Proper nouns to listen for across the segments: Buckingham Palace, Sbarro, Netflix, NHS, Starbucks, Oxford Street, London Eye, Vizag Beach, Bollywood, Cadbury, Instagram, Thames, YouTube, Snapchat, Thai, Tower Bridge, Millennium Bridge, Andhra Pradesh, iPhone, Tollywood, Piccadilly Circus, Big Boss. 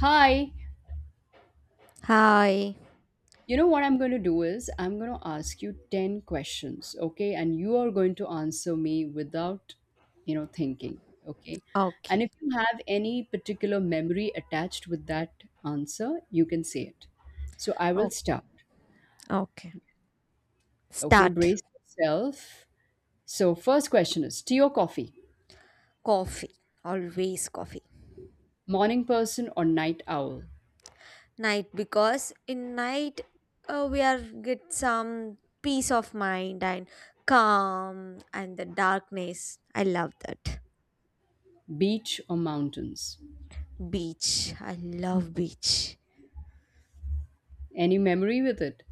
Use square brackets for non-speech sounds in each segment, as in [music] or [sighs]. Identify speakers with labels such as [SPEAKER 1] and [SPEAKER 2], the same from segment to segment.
[SPEAKER 1] Hi,
[SPEAKER 2] Hi.
[SPEAKER 1] you know what I'm going to do is I'm going to ask you 10 questions, okay? And you are going to answer me without, you know, thinking, okay?
[SPEAKER 2] Okay.
[SPEAKER 1] And if you have any particular memory attached with that answer, you can say it. So I will
[SPEAKER 2] Okay.
[SPEAKER 1] start,
[SPEAKER 2] Okay.
[SPEAKER 1] okay?
[SPEAKER 2] Start.
[SPEAKER 1] Brace yourself. So, first question is tea or coffee?
[SPEAKER 2] Coffee. Always coffee.
[SPEAKER 1] Morning person or night owl?
[SPEAKER 2] Night because in night we are get some peace of mind and calm and the darkness. I love that.
[SPEAKER 1] Beach or mountains?
[SPEAKER 2] Beach. I love beach.
[SPEAKER 1] Any memory with it?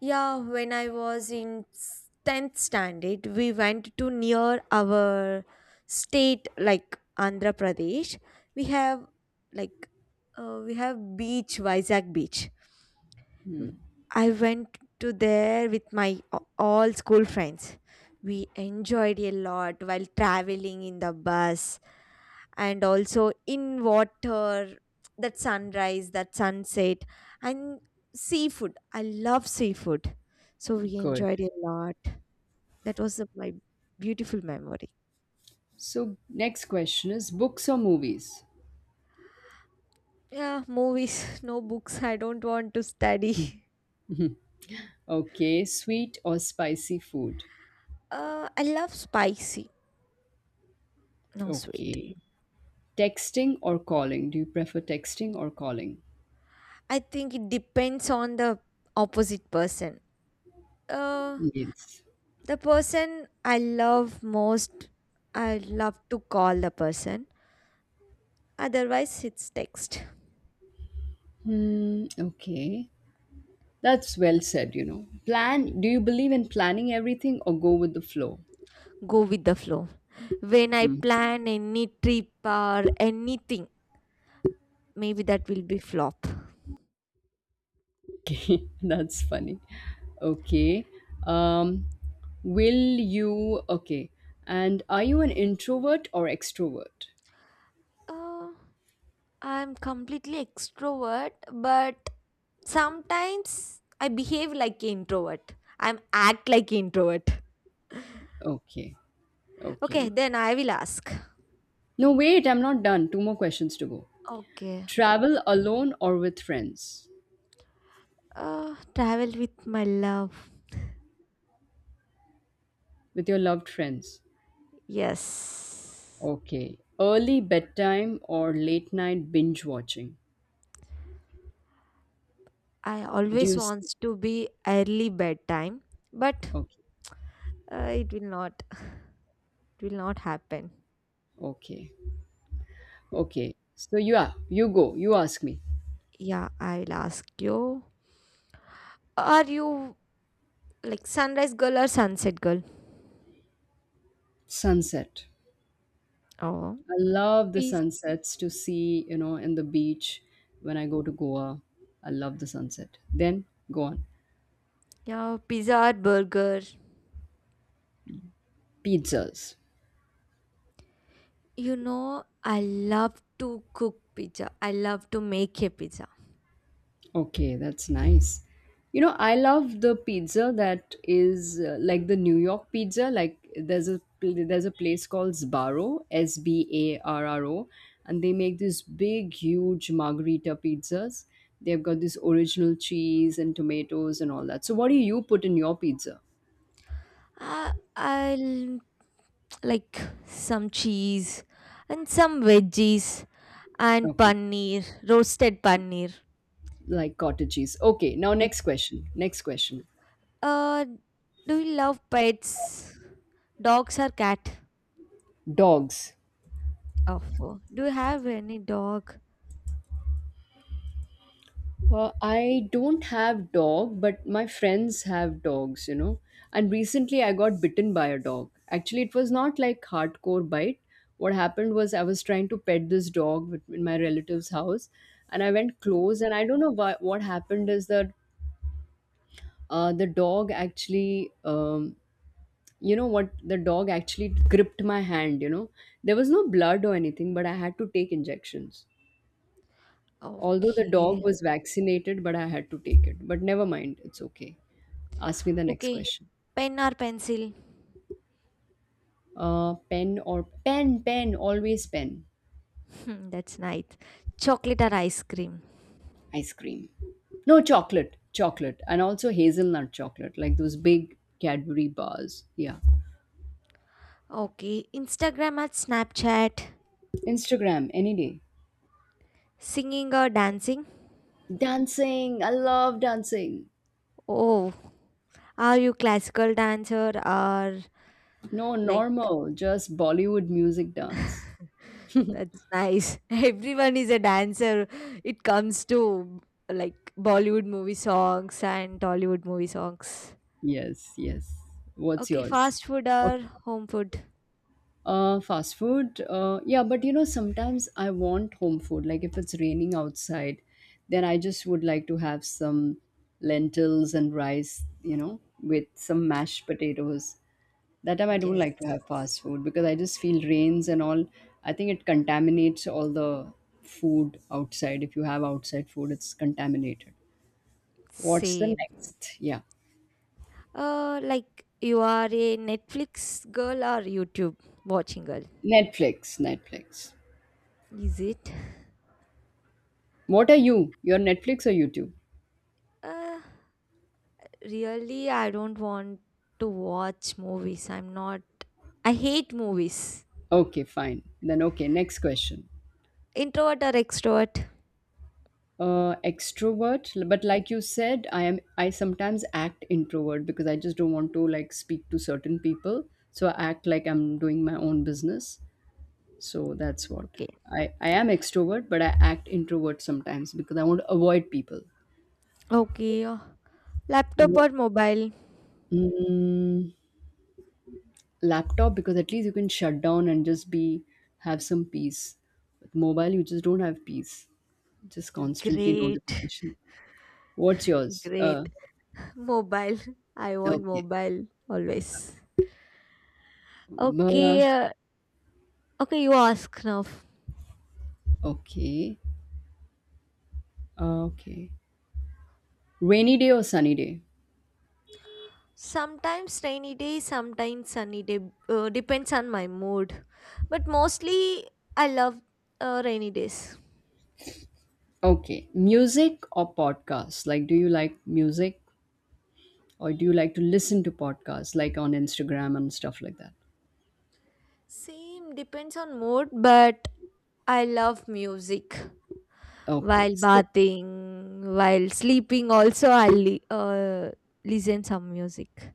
[SPEAKER 2] Yeah, when I was in 10th standard, we went to near our state, like Andhra Pradesh. We have like we have beach, Vizag Beach. W- I went to there with my all school friends. We enjoyed a lot while traveling in the bus and also in water, that sunrise, that sunset, and seafood. I love seafood, so we
[SPEAKER 1] Good.
[SPEAKER 2] enjoyed a lot. That was my beautiful memory.
[SPEAKER 1] So, next question is books or movies?
[SPEAKER 2] Yeah, movies. [laughs] No books, I don't want to study. [laughs]
[SPEAKER 1] Okay, sweet or spicy food?
[SPEAKER 2] I love spicy. No, sweet.
[SPEAKER 1] Okay. Texting or calling? Do you prefer texting or calling?
[SPEAKER 2] I think it depends on the opposite person. uh,
[SPEAKER 1] Yes.
[SPEAKER 2] the person I love most, I love to call the person. Otherwise, it's text.
[SPEAKER 1] Hmm, okay. That's well said, you know. Plan, do you believe in planning everything or go with the flow?
[SPEAKER 2] Go with the flow. When I
[SPEAKER 1] Mm.
[SPEAKER 2] plan any trip or anything, maybe that will be flop.
[SPEAKER 1] Okay, [laughs] that's funny. Okay. Um, will you, okay. And are you an introvert or extrovert?
[SPEAKER 2] Uh, I'm completely extrovert, but sometimes I behave like introvert. I'm act like introvert.
[SPEAKER 1] Okay,
[SPEAKER 2] Okay,
[SPEAKER 1] okay.
[SPEAKER 2] then I will ask.
[SPEAKER 1] No, wait, I'm not done. Two more questions to go.
[SPEAKER 2] Okay.
[SPEAKER 1] Travel alone or with friends?
[SPEAKER 2] Travel with my love.
[SPEAKER 1] With your loved friends.
[SPEAKER 2] Yes.
[SPEAKER 1] Okay. Early bedtime or late night binge watching?
[SPEAKER 2] I
[SPEAKER 1] Do
[SPEAKER 2] always
[SPEAKER 1] you sleep?
[SPEAKER 2] wants to be early bedtime, but
[SPEAKER 1] Okay.
[SPEAKER 2] it will not. It will not happen.
[SPEAKER 1] Okay. Okay. So you are, you go, you ask me.
[SPEAKER 2] Yeah, I'll ask you. Are you like sunrise girl or sunset girl?
[SPEAKER 1] Sunset.
[SPEAKER 2] Oh,
[SPEAKER 1] I love the
[SPEAKER 2] pizza.
[SPEAKER 1] sunsets to see, you know, in the beach when I go to Goa. I love the sunset. Then go on.
[SPEAKER 2] Yeah, pizza or burger.
[SPEAKER 1] Pizzas.
[SPEAKER 2] I love to cook pizza. I love to make a pizza.
[SPEAKER 1] Okay, that's nice. You know, I love the pizza that is like the New York pizza. Like there's a there's a place called Sbarro, S B A R R O, and they make these big, huge margarita pizzas. They've got this original cheese and tomatoes and all that. So, what do you put in your pizza?
[SPEAKER 2] I'll like some cheese and some veggies and
[SPEAKER 1] Okay,
[SPEAKER 2] paneer, roasted paneer.
[SPEAKER 1] like cottage cheese. Okay, now
[SPEAKER 2] Y-
[SPEAKER 1] next question. Next question.
[SPEAKER 2] Uh, do you love pets? Dogs or cat?
[SPEAKER 1] Dogs.
[SPEAKER 2] Oh, do you have any dog?
[SPEAKER 1] I don't have dog, but my friends have dogs, you know. And recently I got bitten by a dog. Actually, it was not like hardcore bite. What happened was I was trying to pet this dog in my relative's house, and I went close, and I don't know why, what happened is that uh, the dog actually, um, the dog actually gripped my hand, you know. There was no blood or anything, but I had to take injections. Although the
[SPEAKER 2] Okay.
[SPEAKER 1] dog was vaccinated, but I had to take it. But never mind, it's okay. Ask me the next
[SPEAKER 2] Okay.
[SPEAKER 1] question.
[SPEAKER 2] Pen or pencil?
[SPEAKER 1] Pen, always pen.
[SPEAKER 2] Hmm, that's nice. Chocolate or ice cream?
[SPEAKER 1] Ice cream. No, chocolate. And also hazelnut chocolate, like those big Cadbury bars. Yeah.
[SPEAKER 2] Okay. Instagram or Snapchat?
[SPEAKER 1] Instagram, any day.
[SPEAKER 2] Singing or dancing?
[SPEAKER 1] Dancing. I love dancing.
[SPEAKER 2] Oh, are you classical dancer or
[SPEAKER 1] No,
[SPEAKER 2] like,
[SPEAKER 1] normal, just Bollywood music dance.
[SPEAKER 2] that's nice. [laughs] Everyone is a dancer. It comes to like Bollywood movie songs and Tollywood movie songs.
[SPEAKER 1] Yes, yes. What's
[SPEAKER 2] Okay,
[SPEAKER 1] yours?
[SPEAKER 2] fast food
[SPEAKER 1] Okay.
[SPEAKER 2] or home food?
[SPEAKER 1] Fast food. Yeah, but you know, sometimes I want home food. Like if it's raining outside, then I just would like to have some lentils and rice, you know, with some mashed potatoes. That time I don't
[SPEAKER 2] Yes.
[SPEAKER 1] like to have fast food because I just feel rains and all. I think it contaminates all the food outside. If you have outside food, it's contaminated. What's the
[SPEAKER 2] Same.
[SPEAKER 1] next? Yeah.
[SPEAKER 2] Like, you are a Netflix girl or YouTube watching girl?
[SPEAKER 1] Netflix. Netflix.
[SPEAKER 2] Is it?
[SPEAKER 1] What are you? You're Netflix or YouTube?
[SPEAKER 2] Uh, Really, I don't want to watch movies. I'm not. I hate movies.
[SPEAKER 1] Okay, fine. Then okay, next question.
[SPEAKER 2] Introvert or extrovert?
[SPEAKER 1] Extrovert, but like you said, I sometimes act introvert because I just don't want to like speak to certain people. So I act like I'm doing my own business. So that's what.
[SPEAKER 2] Okay.
[SPEAKER 1] I am extrovert, but I act introvert sometimes because I want to avoid people.
[SPEAKER 2] Okay. Laptop or
[SPEAKER 1] Wha-
[SPEAKER 2] mobile?
[SPEAKER 1] Mm, laptop because at least you can shut down and just be have some peace. With mobile, you just don't have peace. Just constantly
[SPEAKER 2] Great.
[SPEAKER 1] notification. What's
[SPEAKER 2] [laughs]
[SPEAKER 1] yours?
[SPEAKER 2] Great. Mobile. I want
[SPEAKER 1] Okay.
[SPEAKER 2] mobile always.
[SPEAKER 1] Uh,
[SPEAKER 2] Okay. Okay, you ask now.
[SPEAKER 1] okay. Okay. Rainy day or sunny day?
[SPEAKER 2] Sometimes rainy day, sometimes sunny day, depends on my mood. But mostly, I love rainy days.
[SPEAKER 1] Okay. Music or podcasts? Like, do you like music or do you like to listen to podcasts like on Instagram and stuff like that?
[SPEAKER 2] Same depends on mood, but I love music.
[SPEAKER 1] Okay.
[SPEAKER 2] While bathing, while sleeping, also I listen some music.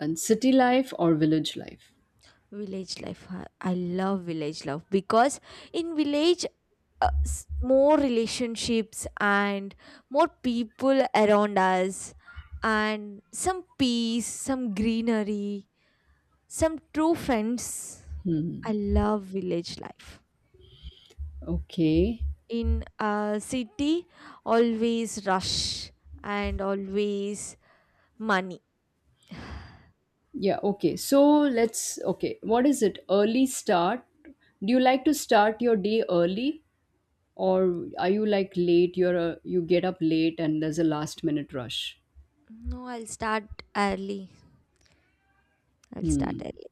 [SPEAKER 1] And city life or village life?
[SPEAKER 2] Village life. Huh? I love village life because in village, more relationships and more people around us, and some peace, some greenery, some true friends. I love village life.
[SPEAKER 1] Okay.
[SPEAKER 2] In a city, always rush and always money.
[SPEAKER 1] Yeah. Okay. So let's, okay. What is it? Early start? Do you like to start your day early or are you like late you get up late and there's a last minute rush.
[SPEAKER 2] No, I'll start early. I'll start
[SPEAKER 1] Hmm.
[SPEAKER 2] early.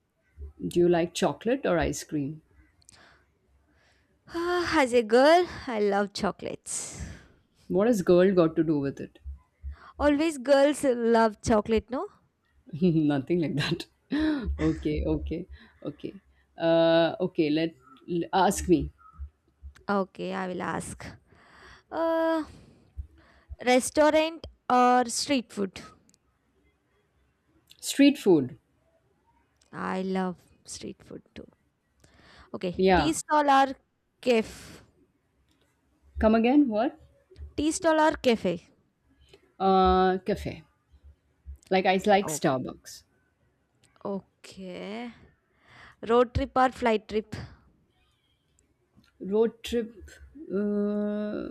[SPEAKER 1] Do you like chocolate or ice cream?
[SPEAKER 2] [sighs] As a girl, I love chocolates.
[SPEAKER 1] What has girl got to do with it?
[SPEAKER 2] Always girls love chocolate, no?
[SPEAKER 1] [laughs] Nothing like that. [laughs] okay okay okay okay, ask me.
[SPEAKER 2] Okay, I will ask. Uh, Restaurant or street food?
[SPEAKER 1] Street food.
[SPEAKER 2] I love street food too. Okay,
[SPEAKER 1] Yeah.
[SPEAKER 2] tea stall or cafe?
[SPEAKER 1] Come again, what?
[SPEAKER 2] Tea stall or cafe?
[SPEAKER 1] Uh, cafe. Like I like
[SPEAKER 2] Oh,
[SPEAKER 1] Starbucks.
[SPEAKER 2] okay. Road trip or flight trip?
[SPEAKER 1] Road trip. Uh,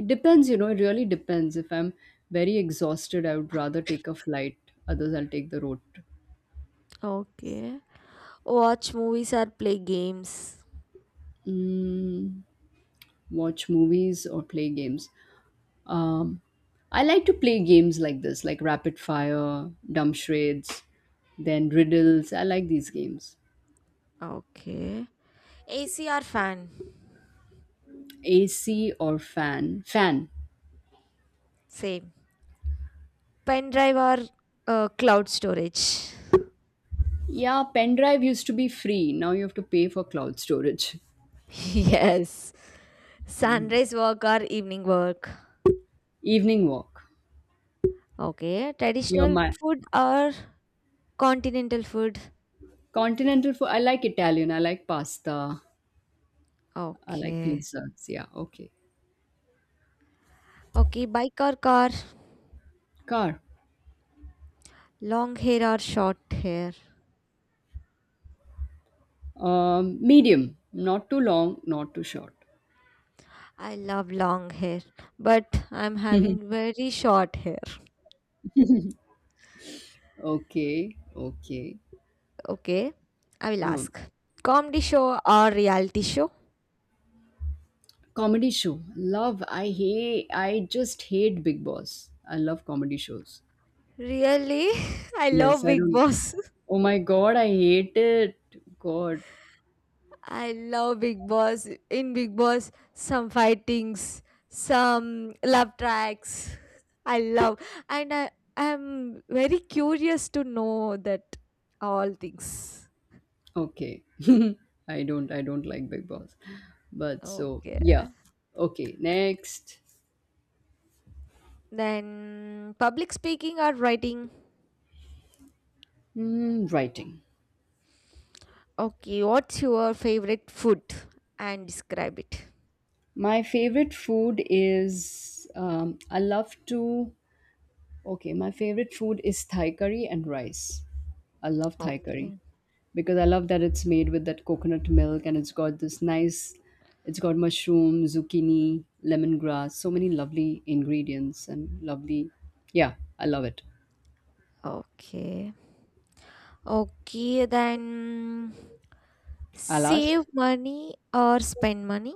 [SPEAKER 1] it depends, you know, it really depends. If I'm very exhausted, I would rather take a flight. Others, I'll take the road trip.
[SPEAKER 2] Okay. Watch movies or play games?
[SPEAKER 1] Mm, watch movies or play games. um, I like to play games like this, like rapid fire, dumb charades, then riddles. I like these games.
[SPEAKER 2] Okay. AC or fan?
[SPEAKER 1] AC or fan? Fan.
[SPEAKER 2] Same. Pen drive or cloud storage?
[SPEAKER 1] Yeah, pen drive used to be free. Now you have to pay for cloud storage.
[SPEAKER 2] [laughs] Yes. Sunrise work or evening work?
[SPEAKER 1] [laughs] Evening walk.
[SPEAKER 2] Okay.
[SPEAKER 1] You're
[SPEAKER 2] Traditional
[SPEAKER 1] my.
[SPEAKER 2] food or continental food?
[SPEAKER 1] Continental food. I like Italian. I like pasta. I like
[SPEAKER 2] Okay.
[SPEAKER 1] pizzas. Yeah. Okay.
[SPEAKER 2] Okay. Bike or car?
[SPEAKER 1] Car.
[SPEAKER 2] Long hair or short hair?
[SPEAKER 1] Medium. Not too long. Not too short.
[SPEAKER 2] I love long hair, but I'm having very short hair.
[SPEAKER 1] Okay. Okay.
[SPEAKER 2] Okay. I will
[SPEAKER 1] Um,
[SPEAKER 2] ask. Comedy show or reality show?
[SPEAKER 1] comedy show. Love. I hate. I just hate Big Boss. I love comedy shows.
[SPEAKER 2] Really? [laughs] I
[SPEAKER 1] Yes.
[SPEAKER 2] love
[SPEAKER 1] I
[SPEAKER 2] Big
[SPEAKER 1] don't.
[SPEAKER 2] Boss.
[SPEAKER 1] Oh my God. I hate it. God.
[SPEAKER 2] I love Big Boss. In Big Boss, some fightings, some love tracks. [laughs] I love, and I am very curious to know that all things.
[SPEAKER 1] Okay. [laughs] I don't. I don't like Big Boss. But so
[SPEAKER 2] Okay,
[SPEAKER 1] yeah. Okay. Next.
[SPEAKER 2] then public speaking or writing.
[SPEAKER 1] Mm, writing.
[SPEAKER 2] Okay, what's your favorite food and describe it?
[SPEAKER 1] My favorite food is I love to okay, my favorite food is Thai curry and rice. I love Thai curry
[SPEAKER 2] Okay,
[SPEAKER 1] because I love that it's made with that coconut milk and it's got this nice, it's got mushroom, zucchini, lemongrass, so many lovely ingredients and lovely, yeah, I love it.
[SPEAKER 2] okay, okay. Then
[SPEAKER 1] I'll ask.
[SPEAKER 2] save money or spend money.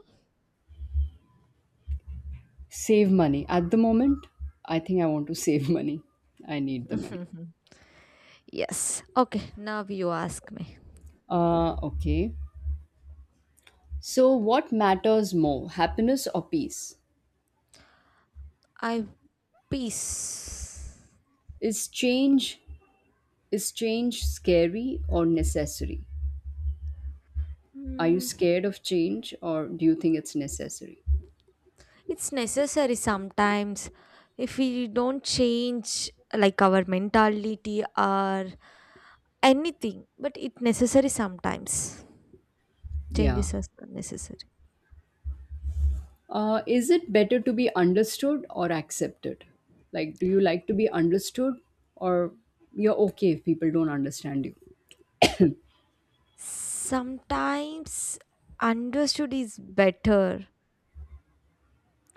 [SPEAKER 1] Save money. At the moment, I think I want to [laughs] save money. I need the money.
[SPEAKER 2] [laughs] Yes. Okay, now you ask me.
[SPEAKER 1] Uh, okay. So what matters more, happiness or peace?
[SPEAKER 2] I peace.
[SPEAKER 1] Is change is change scary or necessary? Are you
[SPEAKER 2] Mm,
[SPEAKER 1] scared of change or do you think it's necessary?
[SPEAKER 2] it's necessary sometimes. If we don't change like our mentality or anything, but it necessary sometimes.
[SPEAKER 1] Yeah.
[SPEAKER 2] Changes are necessary.
[SPEAKER 1] Is it better to be understood or accepted? Like, do you like to be understood or you're okay if people don't understand you?
[SPEAKER 2] Sometimes understood is better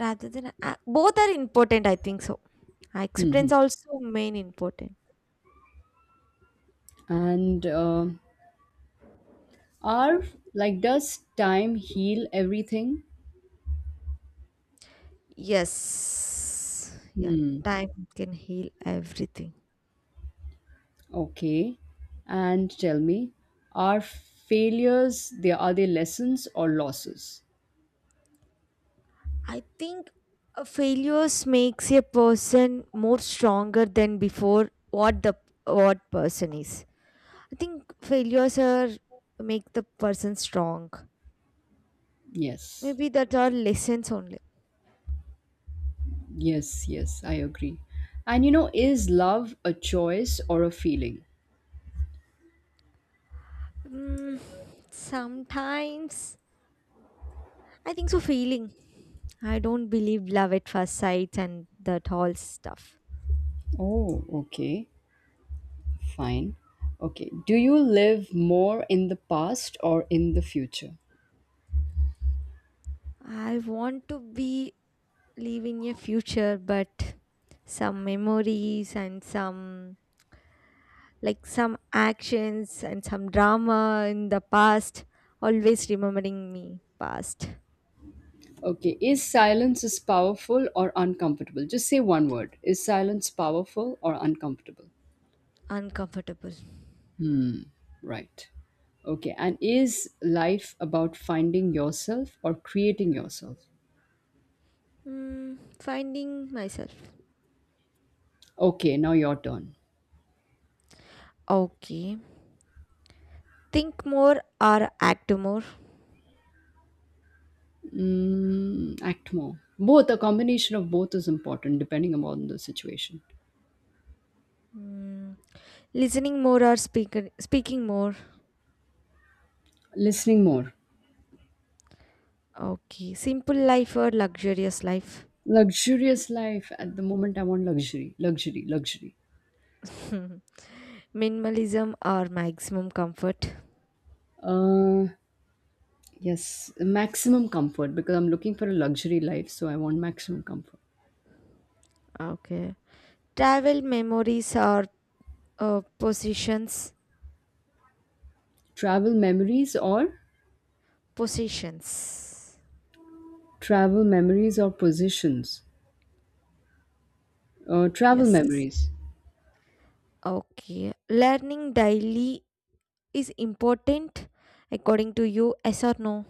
[SPEAKER 2] rather than both are important. I think so.
[SPEAKER 1] Hmm.
[SPEAKER 2] Acceptance also main important.
[SPEAKER 1] And are like, does time heal everything?
[SPEAKER 2] Yes. Yeah,
[SPEAKER 1] Hmm.
[SPEAKER 2] time can heal everything.
[SPEAKER 1] Okay. And tell me, are failures they are they lessons or losses?
[SPEAKER 2] I think failures makes a person more stronger than before what person is. I think failures are make the person strong.
[SPEAKER 1] Yes.
[SPEAKER 2] Maybe that are lessons only.
[SPEAKER 1] Yes, yes, I agree. And you know, is love a choice or a feeling?
[SPEAKER 2] Mm, Sometimes I think so feeling. I don't believe love at first sight and that whole stuff.
[SPEAKER 1] Oh, okay. Fine. Okay. Do you live more in the past or in the future?
[SPEAKER 2] I want to be live in a future, but some memories and some, like, some actions and some drama in the past always remembering me past.
[SPEAKER 1] Okay. Is silence is powerful or uncomfortable? Just say one word. Is silence powerful or uncomfortable?
[SPEAKER 2] Uncomfortable.
[SPEAKER 1] Right. Okay. And is life about finding yourself or creating yourself?
[SPEAKER 2] Hmm. Finding myself.
[SPEAKER 1] Okay. Now your turn.
[SPEAKER 2] Okay, think more or act more.
[SPEAKER 1] Mm, act more. Both, a combination of both is important depending upon the situation.
[SPEAKER 2] Hmm. Listening more or speaking more.
[SPEAKER 1] Listening more.
[SPEAKER 2] Okay, simple life or luxurious life.
[SPEAKER 1] Luxurious life. At the moment, I want luxury, luxury, luxury.
[SPEAKER 2] [laughs] Minimalism or maximum comfort.
[SPEAKER 1] Uh, yes. Maximum comfort because I'm looking for a luxury life. So I want maximum comfort.
[SPEAKER 2] Okay. Travel memories or positions.
[SPEAKER 1] Travel memories or
[SPEAKER 2] Positions.
[SPEAKER 1] travel memories or positions. Travel
[SPEAKER 2] Yes.
[SPEAKER 1] memories.
[SPEAKER 2] Okay. Learning daily is important according to you, yes or no?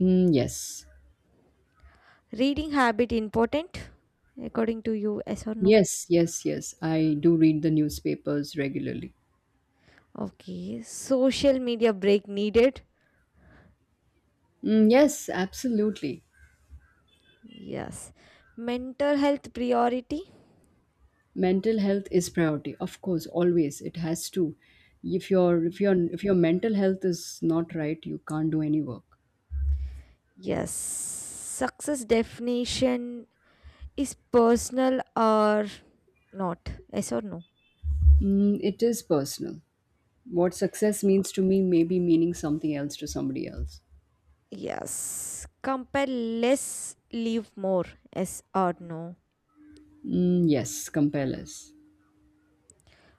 [SPEAKER 1] Mm, yes.
[SPEAKER 2] Reading habit important according to you, yes or no?
[SPEAKER 1] Yes, yes, yes. I do read the newspapers regularly.
[SPEAKER 2] Okay. Social media break needed.
[SPEAKER 1] Mm, yes, absolutely.
[SPEAKER 2] Yes. Mental health priority.
[SPEAKER 1] Mental health is priority. Of course, always it has to. If your mental health is not right, you can't do any work.
[SPEAKER 2] Yes. Success definition is personal or not? Yes or no?
[SPEAKER 1] Mm, it is personal. What success means to me may be meaning something else to somebody else.
[SPEAKER 2] Yes. Compare less, leave more. Yes or no?
[SPEAKER 1] Mm, yes, compel us.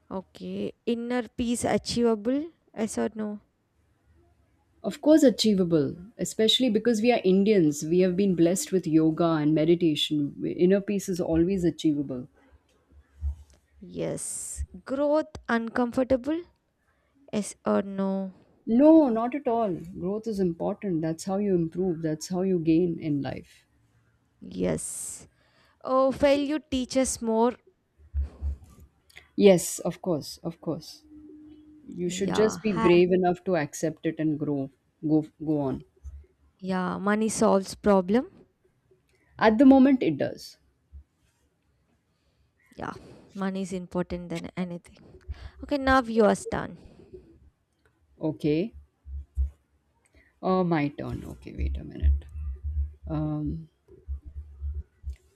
[SPEAKER 2] Okay. Inner peace achievable? Yes or no?
[SPEAKER 1] Of course, achievable, especially because we are Indians. We have been blessed with yoga and meditation. Inner peace is always achievable.
[SPEAKER 2] Yes. Growth uncomfortable? Yes or no?
[SPEAKER 1] No, not at all. Growth is important. That's how you improve, that's how you gain in life.
[SPEAKER 2] Yes. Oh, failure teaches more.
[SPEAKER 1] Yes, of course, of course. You should
[SPEAKER 2] Yeah.
[SPEAKER 1] just be brave enough to accept it and grow. Go, go on.
[SPEAKER 2] Yeah. Money solves problem.
[SPEAKER 1] At the moment, it does.
[SPEAKER 2] Yeah. Money is important than anything. Okay. Now yours done.
[SPEAKER 1] Okay. My turn. Okay, wait a minute. Um,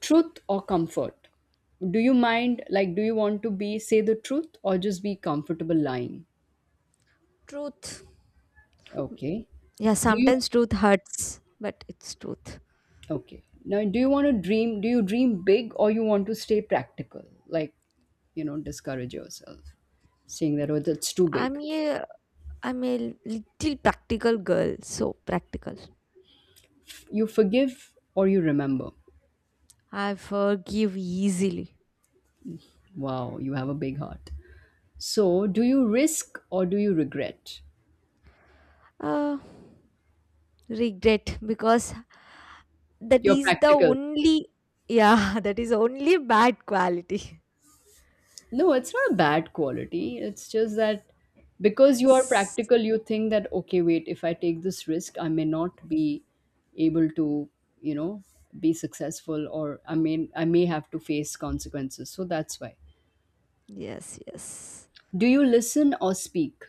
[SPEAKER 1] Truth or comfort? Do you mind, like, do you want to be, say the truth or just be comfortable lying?
[SPEAKER 2] Truth.
[SPEAKER 1] Okay.
[SPEAKER 2] Yeah.
[SPEAKER 1] Do you,
[SPEAKER 2] Sometimes truth hurts, but it's truth.
[SPEAKER 1] okay. Now, do you want to dream, do you dream big or you want to stay practical? Like, you know, discourage yourself, saying that, oh, that's too
[SPEAKER 2] I'm
[SPEAKER 1] big.
[SPEAKER 2] a I'm a little practical girl, so practical.
[SPEAKER 1] You forgive or you remember.
[SPEAKER 2] I forgive easily.
[SPEAKER 1] Wow, you have a big heart. So, do you risk or do you regret?
[SPEAKER 2] Uh, Regret because that
[SPEAKER 1] You're
[SPEAKER 2] is the
[SPEAKER 1] practical.
[SPEAKER 2] only, yeah, [laughs] that is only bad quality.
[SPEAKER 1] No, it's not bad quality. It's just that
[SPEAKER 2] [laughs]
[SPEAKER 1] because you are
[SPEAKER 2] S-
[SPEAKER 1] practical, you think that, okay, wait, if I take this risk, I may not be able to, you know, be successful or I may have to face consequences. So that's why.
[SPEAKER 2] yes, yes.
[SPEAKER 1] Do you listen or speak?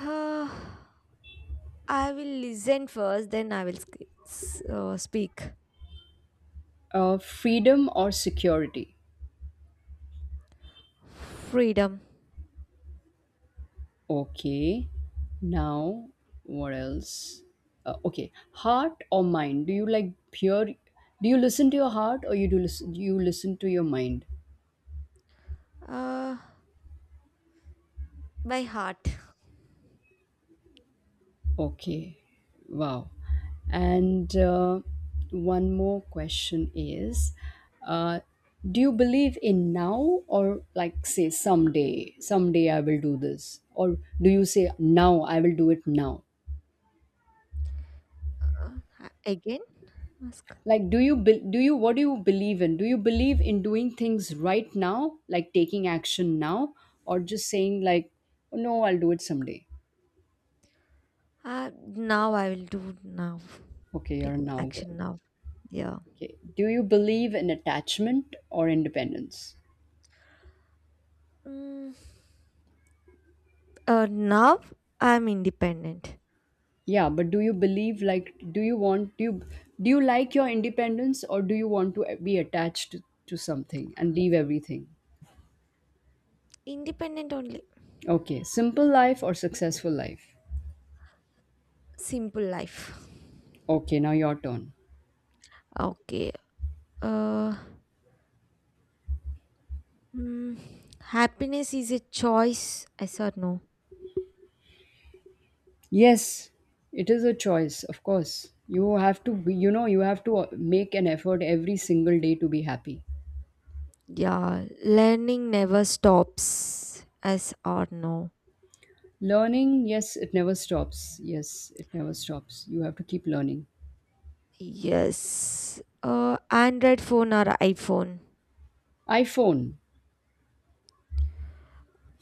[SPEAKER 2] Uh, I will listen first, then I will speak.
[SPEAKER 1] Freedom or security?
[SPEAKER 2] Freedom.
[SPEAKER 1] Okay. Now, what else? Okay, heart or mind? Do you like pure? Do you listen to your heart or you do listen? You listen to your mind?
[SPEAKER 2] Uh, by heart.
[SPEAKER 1] Okay, wow. And one more question is uh, do you believe in now, or like say someday, someday I will do this? Or do you say now I will do it now?
[SPEAKER 2] Uh, Again? Ask.
[SPEAKER 1] Like, do you, be- do you, what do you believe in? Do you believe in doing things right now, like taking action now, or just saying, like, "Oh, no, I'll do it someday?
[SPEAKER 2] Now I will do now.
[SPEAKER 1] Okay, you're a
[SPEAKER 2] Taking
[SPEAKER 1] now girl.
[SPEAKER 2] action now. Yeah.
[SPEAKER 1] Okay. Do you believe in attachment or independence?
[SPEAKER 2] Mm, Now I'm independent.
[SPEAKER 1] Yeah, but do you believe like do you like your independence or do you want to be attached to something and leave everything?
[SPEAKER 2] Independent only.
[SPEAKER 1] Okay, simple life or successful life?
[SPEAKER 2] Simple life.
[SPEAKER 1] Okay, now your turn.
[SPEAKER 2] Okay. Uh, mm, Happiness is a choice. Yes or no?
[SPEAKER 1] Yes, it is a choice, of course. You have to be, you know, you have to make an effort every single day to be happy.
[SPEAKER 2] Yeah. Learning never stops. Yes or no?
[SPEAKER 1] Learning, yes, it never stops. Yes, it never stops. You have to keep learning.
[SPEAKER 2] Yes. Android phone or iPhone?
[SPEAKER 1] iPhone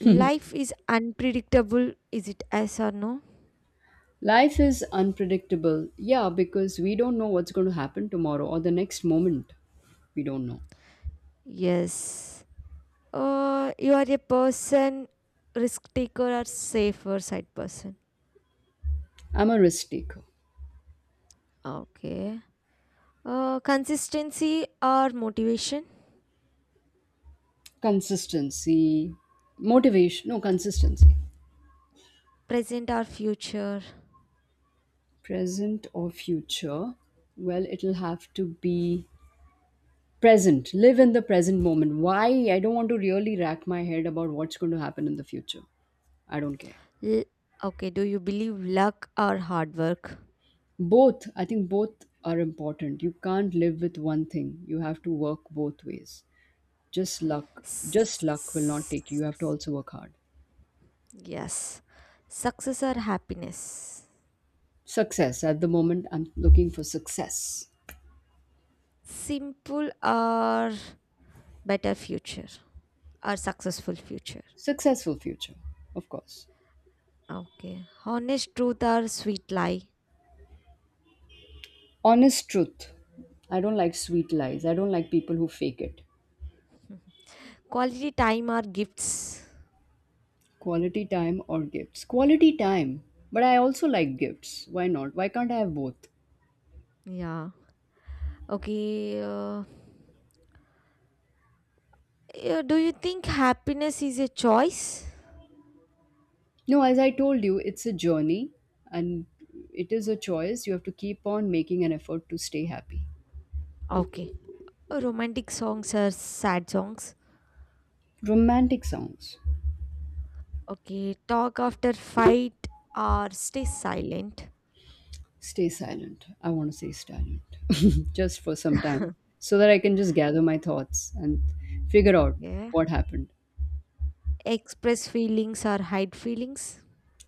[SPEAKER 2] Life is unpredictable. Is it yes or no?
[SPEAKER 1] life is unpredictable. Yeah, because we don't know what's going to happen tomorrow or the next moment. We don't know.
[SPEAKER 2] Yes. You are a person, risk taker or safer side person.
[SPEAKER 1] I'm a risk taker.
[SPEAKER 2] Okay. Consistency or motivation,
[SPEAKER 1] Consistency, motivation, no, consistency.
[SPEAKER 2] present or future.
[SPEAKER 1] Present or future? Well, it'll have to be present. Live in the present moment. Why? I don't want to really rack my head about what's going to happen in the future. I don't care.
[SPEAKER 2] L- okay, do you believe luck or hard work?
[SPEAKER 1] Both, I think both are important. You can't live with one thing, you have to work both ways. Just luck will
[SPEAKER 2] S-
[SPEAKER 1] not take you, you have to also work hard.
[SPEAKER 2] yes. Success or happiness?
[SPEAKER 1] Success, at the moment I'm looking for success.
[SPEAKER 2] Simple or better future or successful future?
[SPEAKER 1] Successful future, of course.
[SPEAKER 2] Okay. Honest truth or sweet lie?
[SPEAKER 1] Honest truth, I don't like sweet lies, I don't like people who fake it.
[SPEAKER 2] [laughs] Quality time or gifts?
[SPEAKER 1] Quality time or gifts, quality time, but I also like gifts, why not, why can't I have both?
[SPEAKER 2] Yeah. Okay. Yeah, do you think happiness is a choice?
[SPEAKER 1] No, as I told you, it's a journey, and it is a choice, you have to keep on making an effort to stay happy.
[SPEAKER 2] Okay. Romantic songs are sad songs.
[SPEAKER 1] Romantic songs.
[SPEAKER 2] Okay. Talk after fight or stay silent.
[SPEAKER 1] Stay silent. I want to say silent [laughs] just for some time
[SPEAKER 2] [laughs]
[SPEAKER 1] so that I can just gather my thoughts and figure out
[SPEAKER 2] Yeah.
[SPEAKER 1] what happened.
[SPEAKER 2] Express feelings or hide feelings.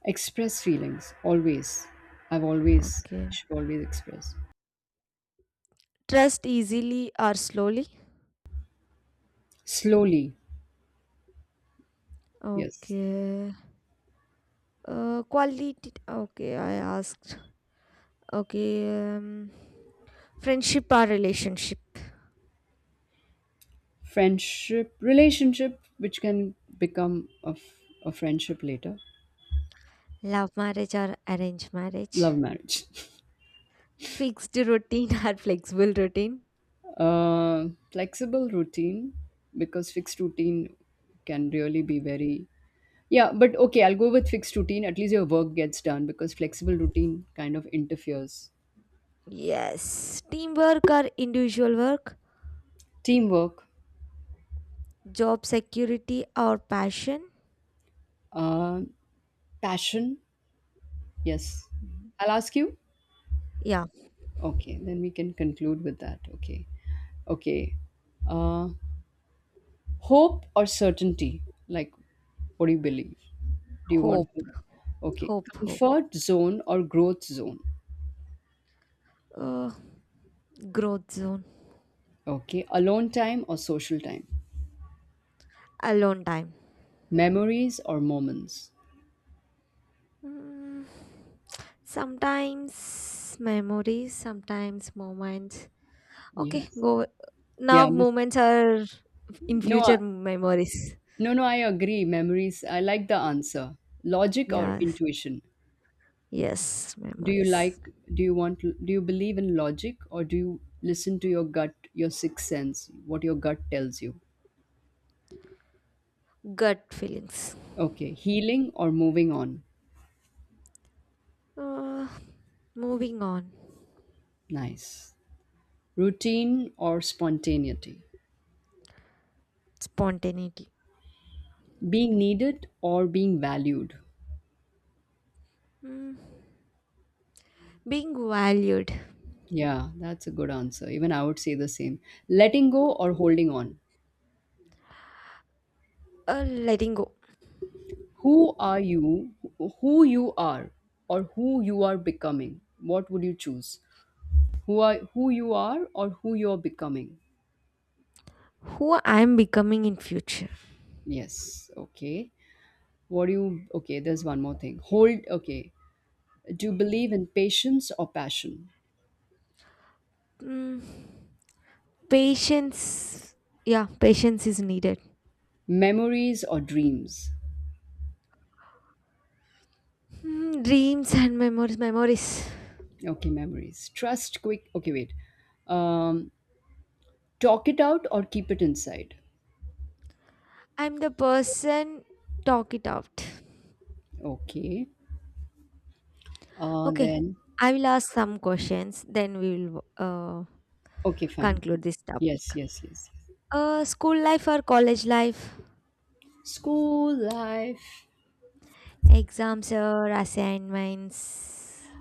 [SPEAKER 1] Express feelings always. I've always
[SPEAKER 2] Okay.
[SPEAKER 1] should always express
[SPEAKER 2] Trust easily or slowly.
[SPEAKER 1] slowly. Yes,
[SPEAKER 2] Okay. Quality. Okay, I asked. Okay. Friendship or relationship.
[SPEAKER 1] friendship, relationship, which can become a, a friendship later.
[SPEAKER 2] Love marriage or arranged marriage.
[SPEAKER 1] Love marriage. [laughs]
[SPEAKER 2] Fixed routine [laughs] or flexible routine?
[SPEAKER 1] Flexible routine because fixed routine can really be very. Yeah, but okay, I'll go with fixed routine. At least your work gets done because flexible routine kind of interferes.
[SPEAKER 2] Yes. Teamwork or individual work?
[SPEAKER 1] Teamwork,
[SPEAKER 2] Job security or passion?
[SPEAKER 1] uh, passion. Yes. I'll ask you.
[SPEAKER 2] Yeah.
[SPEAKER 1] Okay, then we can conclude with that. Okay. Okay. Uh, Hope or certainty? Like, what do you believe? Do you want
[SPEAKER 2] Hope,
[SPEAKER 1] hope? Okay.
[SPEAKER 2] hope, hope.
[SPEAKER 1] Comfort zone or growth zone?
[SPEAKER 2] Uh, Growth zone.
[SPEAKER 1] Okay. Alone time or social time?
[SPEAKER 2] Alone time.
[SPEAKER 1] Memories or moments?
[SPEAKER 2] Mm, Sometimes memories, sometimes moments. Okay,
[SPEAKER 1] Yes.
[SPEAKER 2] go.
[SPEAKER 1] Yeah.
[SPEAKER 2] Now
[SPEAKER 1] This,
[SPEAKER 2] moments are in
[SPEAKER 1] no.
[SPEAKER 2] future memories.
[SPEAKER 1] No, no, I agree. Memories. I like the answer. Logic or
[SPEAKER 2] Yes,
[SPEAKER 1] intuition?
[SPEAKER 2] yes,
[SPEAKER 1] Do you
[SPEAKER 2] memories.
[SPEAKER 1] like, do you want, do you believe in logic or do you listen to your gut, your sixth sense, what your gut tells you?
[SPEAKER 2] Gut feelings.
[SPEAKER 1] Okay. Healing or moving on?
[SPEAKER 2] Uh, Moving on.
[SPEAKER 1] Nice. Routine or spontaneity?
[SPEAKER 2] Spontaneity.
[SPEAKER 1] Being needed or being valued?
[SPEAKER 2] Mm. Being valued.
[SPEAKER 1] Yeah, that's a good answer. Even I would say the same. Letting go or holding on?
[SPEAKER 2] Letting go.
[SPEAKER 1] Who are you, who you are or who you are becoming, what would you choose? Who you are or who you are becoming?
[SPEAKER 2] Who I'm becoming in future.
[SPEAKER 1] Yes, okay. What do you, okay, there's one more thing, hold, okay, do you believe in patience or passion?
[SPEAKER 2] Hmm. Patience. Yeah, patience is needed.
[SPEAKER 1] Memories or dreams?
[SPEAKER 2] Hmm. Dreams and memories. Memories.
[SPEAKER 1] Okay, memories, trust, quick, okay, wait, um talk it out or keep it inside?
[SPEAKER 2] I'm the person. Talk it out.
[SPEAKER 1] Okay,
[SPEAKER 2] Okay.
[SPEAKER 1] then
[SPEAKER 2] I will ask some questions. Then we will
[SPEAKER 1] okay, fine.
[SPEAKER 2] conclude this
[SPEAKER 1] Yes,
[SPEAKER 2] topic.
[SPEAKER 1] yes, yes, yes.
[SPEAKER 2] School life or college life?
[SPEAKER 1] School life.
[SPEAKER 2] Exams or assignments.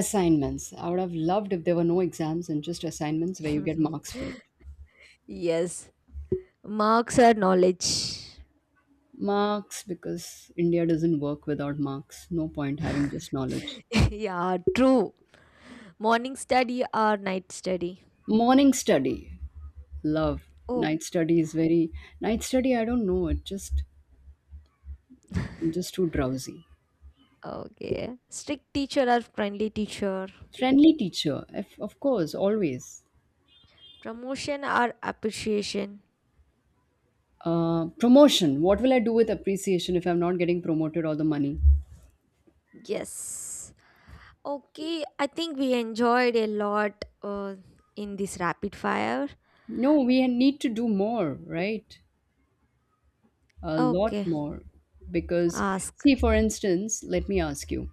[SPEAKER 1] Assignments, I would have loved if there were no exams and just assignments where you get marks for it.
[SPEAKER 2] [laughs] Yes, marks are knowledge.
[SPEAKER 1] Marks, because India doesn't work without marks, no point having just knowledge.
[SPEAKER 2] [laughs] Yeah, true. Morning study or night study?
[SPEAKER 1] Morning study, love.
[SPEAKER 2] Oh,
[SPEAKER 1] Night study is very, night study, I don't know, it just, I'm just too drowsy.
[SPEAKER 2] okay. Strict teacher or friendly teacher?
[SPEAKER 1] Friendly teacher, if, of course, always.
[SPEAKER 2] Promotion or appreciation?
[SPEAKER 1] Promotion, what will I do with appreciation if I'm not getting promoted or the money?
[SPEAKER 2] Yes. Okay, I think we enjoyed a lot in this rapid fire.
[SPEAKER 1] No, we need to do more, right, a lot
[SPEAKER 2] Okay,
[SPEAKER 1] more, because,
[SPEAKER 2] ask.
[SPEAKER 1] see, for instance, let me ask you,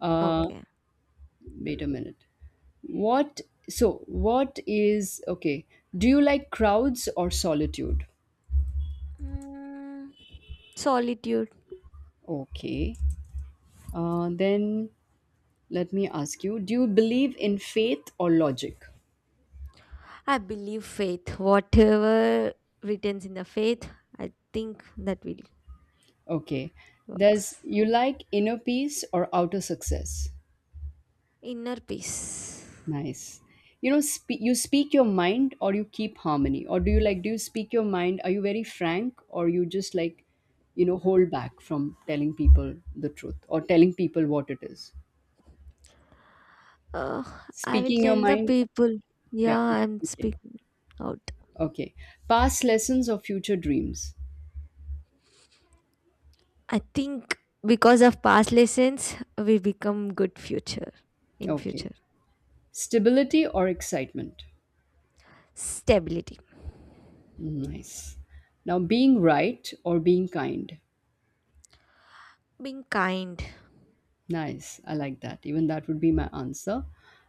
[SPEAKER 1] uh
[SPEAKER 2] Okay.
[SPEAKER 1] wait a minute, what, so what is, okay, do you like crowds or solitude?
[SPEAKER 2] Mm, Solitude.
[SPEAKER 1] Okay, then let me ask you, do you believe in faith or logic?
[SPEAKER 2] I believe faith. Whatever written in the faith, I think that will
[SPEAKER 1] Okay. Does
[SPEAKER 2] works.
[SPEAKER 1] you like inner peace or outer success?
[SPEAKER 2] Inner peace.
[SPEAKER 1] Nice. You know, you speak your mind or you keep harmony? Or do you like, do you speak your mind? Are you very frank or you just like, you know, hold back from telling people the truth or telling people what it is?
[SPEAKER 2] Uh, I will
[SPEAKER 1] Speaking your
[SPEAKER 2] tell the
[SPEAKER 1] mind?
[SPEAKER 2] people.
[SPEAKER 1] Yeah.
[SPEAKER 2] Yeah, I'm
[SPEAKER 1] Okay.
[SPEAKER 2] speaking out.
[SPEAKER 1] Okay. Past lessons or future dreams?
[SPEAKER 2] I think because of past lessons, we become good future in
[SPEAKER 1] Okay.
[SPEAKER 2] future.
[SPEAKER 1] Stability or excitement?
[SPEAKER 2] Stability.
[SPEAKER 1] Nice. Now, being right or being kind?
[SPEAKER 2] Being kind.
[SPEAKER 1] Nice. I like that. Even that would be my answer.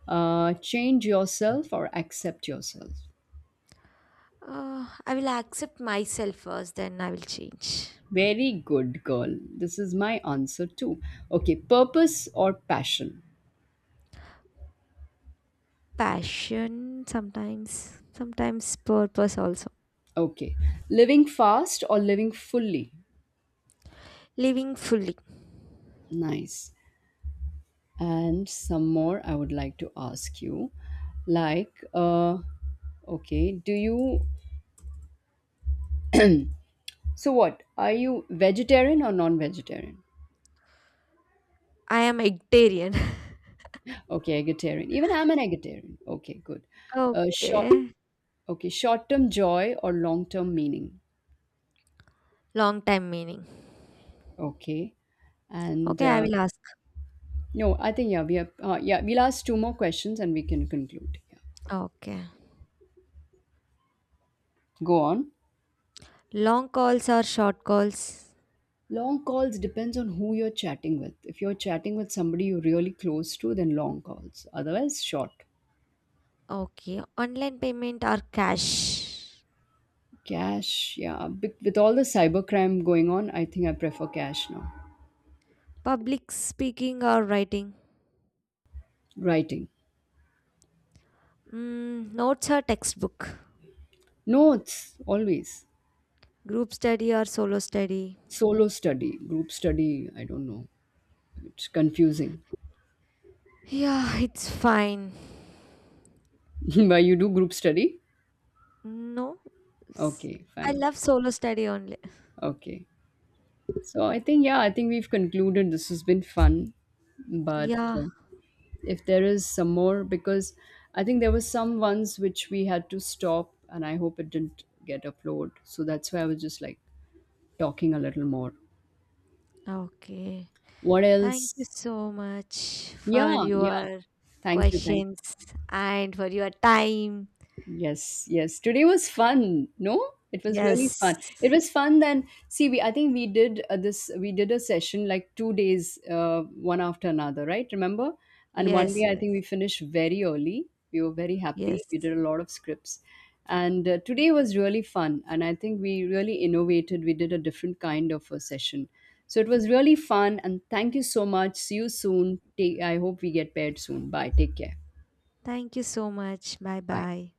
[SPEAKER 1] Change yourself or accept yourself.
[SPEAKER 2] I will accept myself first, then I will change.
[SPEAKER 1] Very good, girl. This is my answer too. Okay. Purpose or passion.
[SPEAKER 2] Passion sometimes, sometimes purpose also.
[SPEAKER 1] Okay. Living fast or living fully.
[SPEAKER 2] Living fully.
[SPEAKER 1] Nice. And some more I would like to ask you. Like, okay, do you. So what? Are you vegetarian or non vegetarian?
[SPEAKER 2] I am Egtarian. [laughs]
[SPEAKER 1] Okay, eggetarian. Even I'm an eggetarian. Okay, good. Short
[SPEAKER 2] Okay.
[SPEAKER 1] Okay, short-term joy or long-term meaning.
[SPEAKER 2] Long time meaning.
[SPEAKER 1] Okay. And
[SPEAKER 2] Okay, I will ask.
[SPEAKER 1] no, I think yeah, we have yeah, we'll ask two more questions and we can conclude. Yeah.
[SPEAKER 2] Okay.
[SPEAKER 1] Go on.
[SPEAKER 2] Long calls or short calls?
[SPEAKER 1] Long calls depends on who you're chatting with. If you're chatting with somebody you're really close to, then long calls. Otherwise, short.
[SPEAKER 2] Okay. Online payment or cash?
[SPEAKER 1] Cash, yeah. With all the cybercrime going on, I think I prefer cash now.
[SPEAKER 2] Public speaking or writing?
[SPEAKER 1] Writing.
[SPEAKER 2] Notes or textbook?
[SPEAKER 1] Notes, always.
[SPEAKER 2] Group study or solo study?
[SPEAKER 1] Solo study, group study, I don't know. It's confusing.
[SPEAKER 2] Yeah, it's fine.
[SPEAKER 1] [laughs] But you do group study?
[SPEAKER 2] No, s-
[SPEAKER 1] Okay,
[SPEAKER 2] I
[SPEAKER 1] fine.
[SPEAKER 2] love solo study only.
[SPEAKER 1] Okay. So I think, yeah, I think we've concluded, this has been fun. But
[SPEAKER 2] Yeah,
[SPEAKER 1] if there is some more, because I think there were some ones which we had to stop, and I hope it didn't get uploaded. So that's why I was just like talking a little more.
[SPEAKER 2] okay.
[SPEAKER 1] What
[SPEAKER 2] Thank you
[SPEAKER 1] else?
[SPEAKER 2] so much for
[SPEAKER 1] Yeah, yeah.
[SPEAKER 2] your
[SPEAKER 1] Thank you. Thank you.
[SPEAKER 2] questions and for your time.
[SPEAKER 1] Yes, yes. Today was fun. No, it was really fun.
[SPEAKER 2] Yes.
[SPEAKER 1] It was fun. Then see, we I think we did this. We did a session like 2 days, one after another, right? Remember? And one
[SPEAKER 2] Yes,
[SPEAKER 1] day I
[SPEAKER 2] yes,
[SPEAKER 1] think we finished very early. We were very happy.
[SPEAKER 2] yes.
[SPEAKER 1] We did a lot of scripts, and today was really fun. And I think we really innovated. We did a different kind of a session. So it was really fun. And thank you so much. See you soon. Take, I hope we get paired soon. Bye. Take care.
[SPEAKER 2] Thank you so much. Bye
[SPEAKER 1] Bye.
[SPEAKER 2] bye.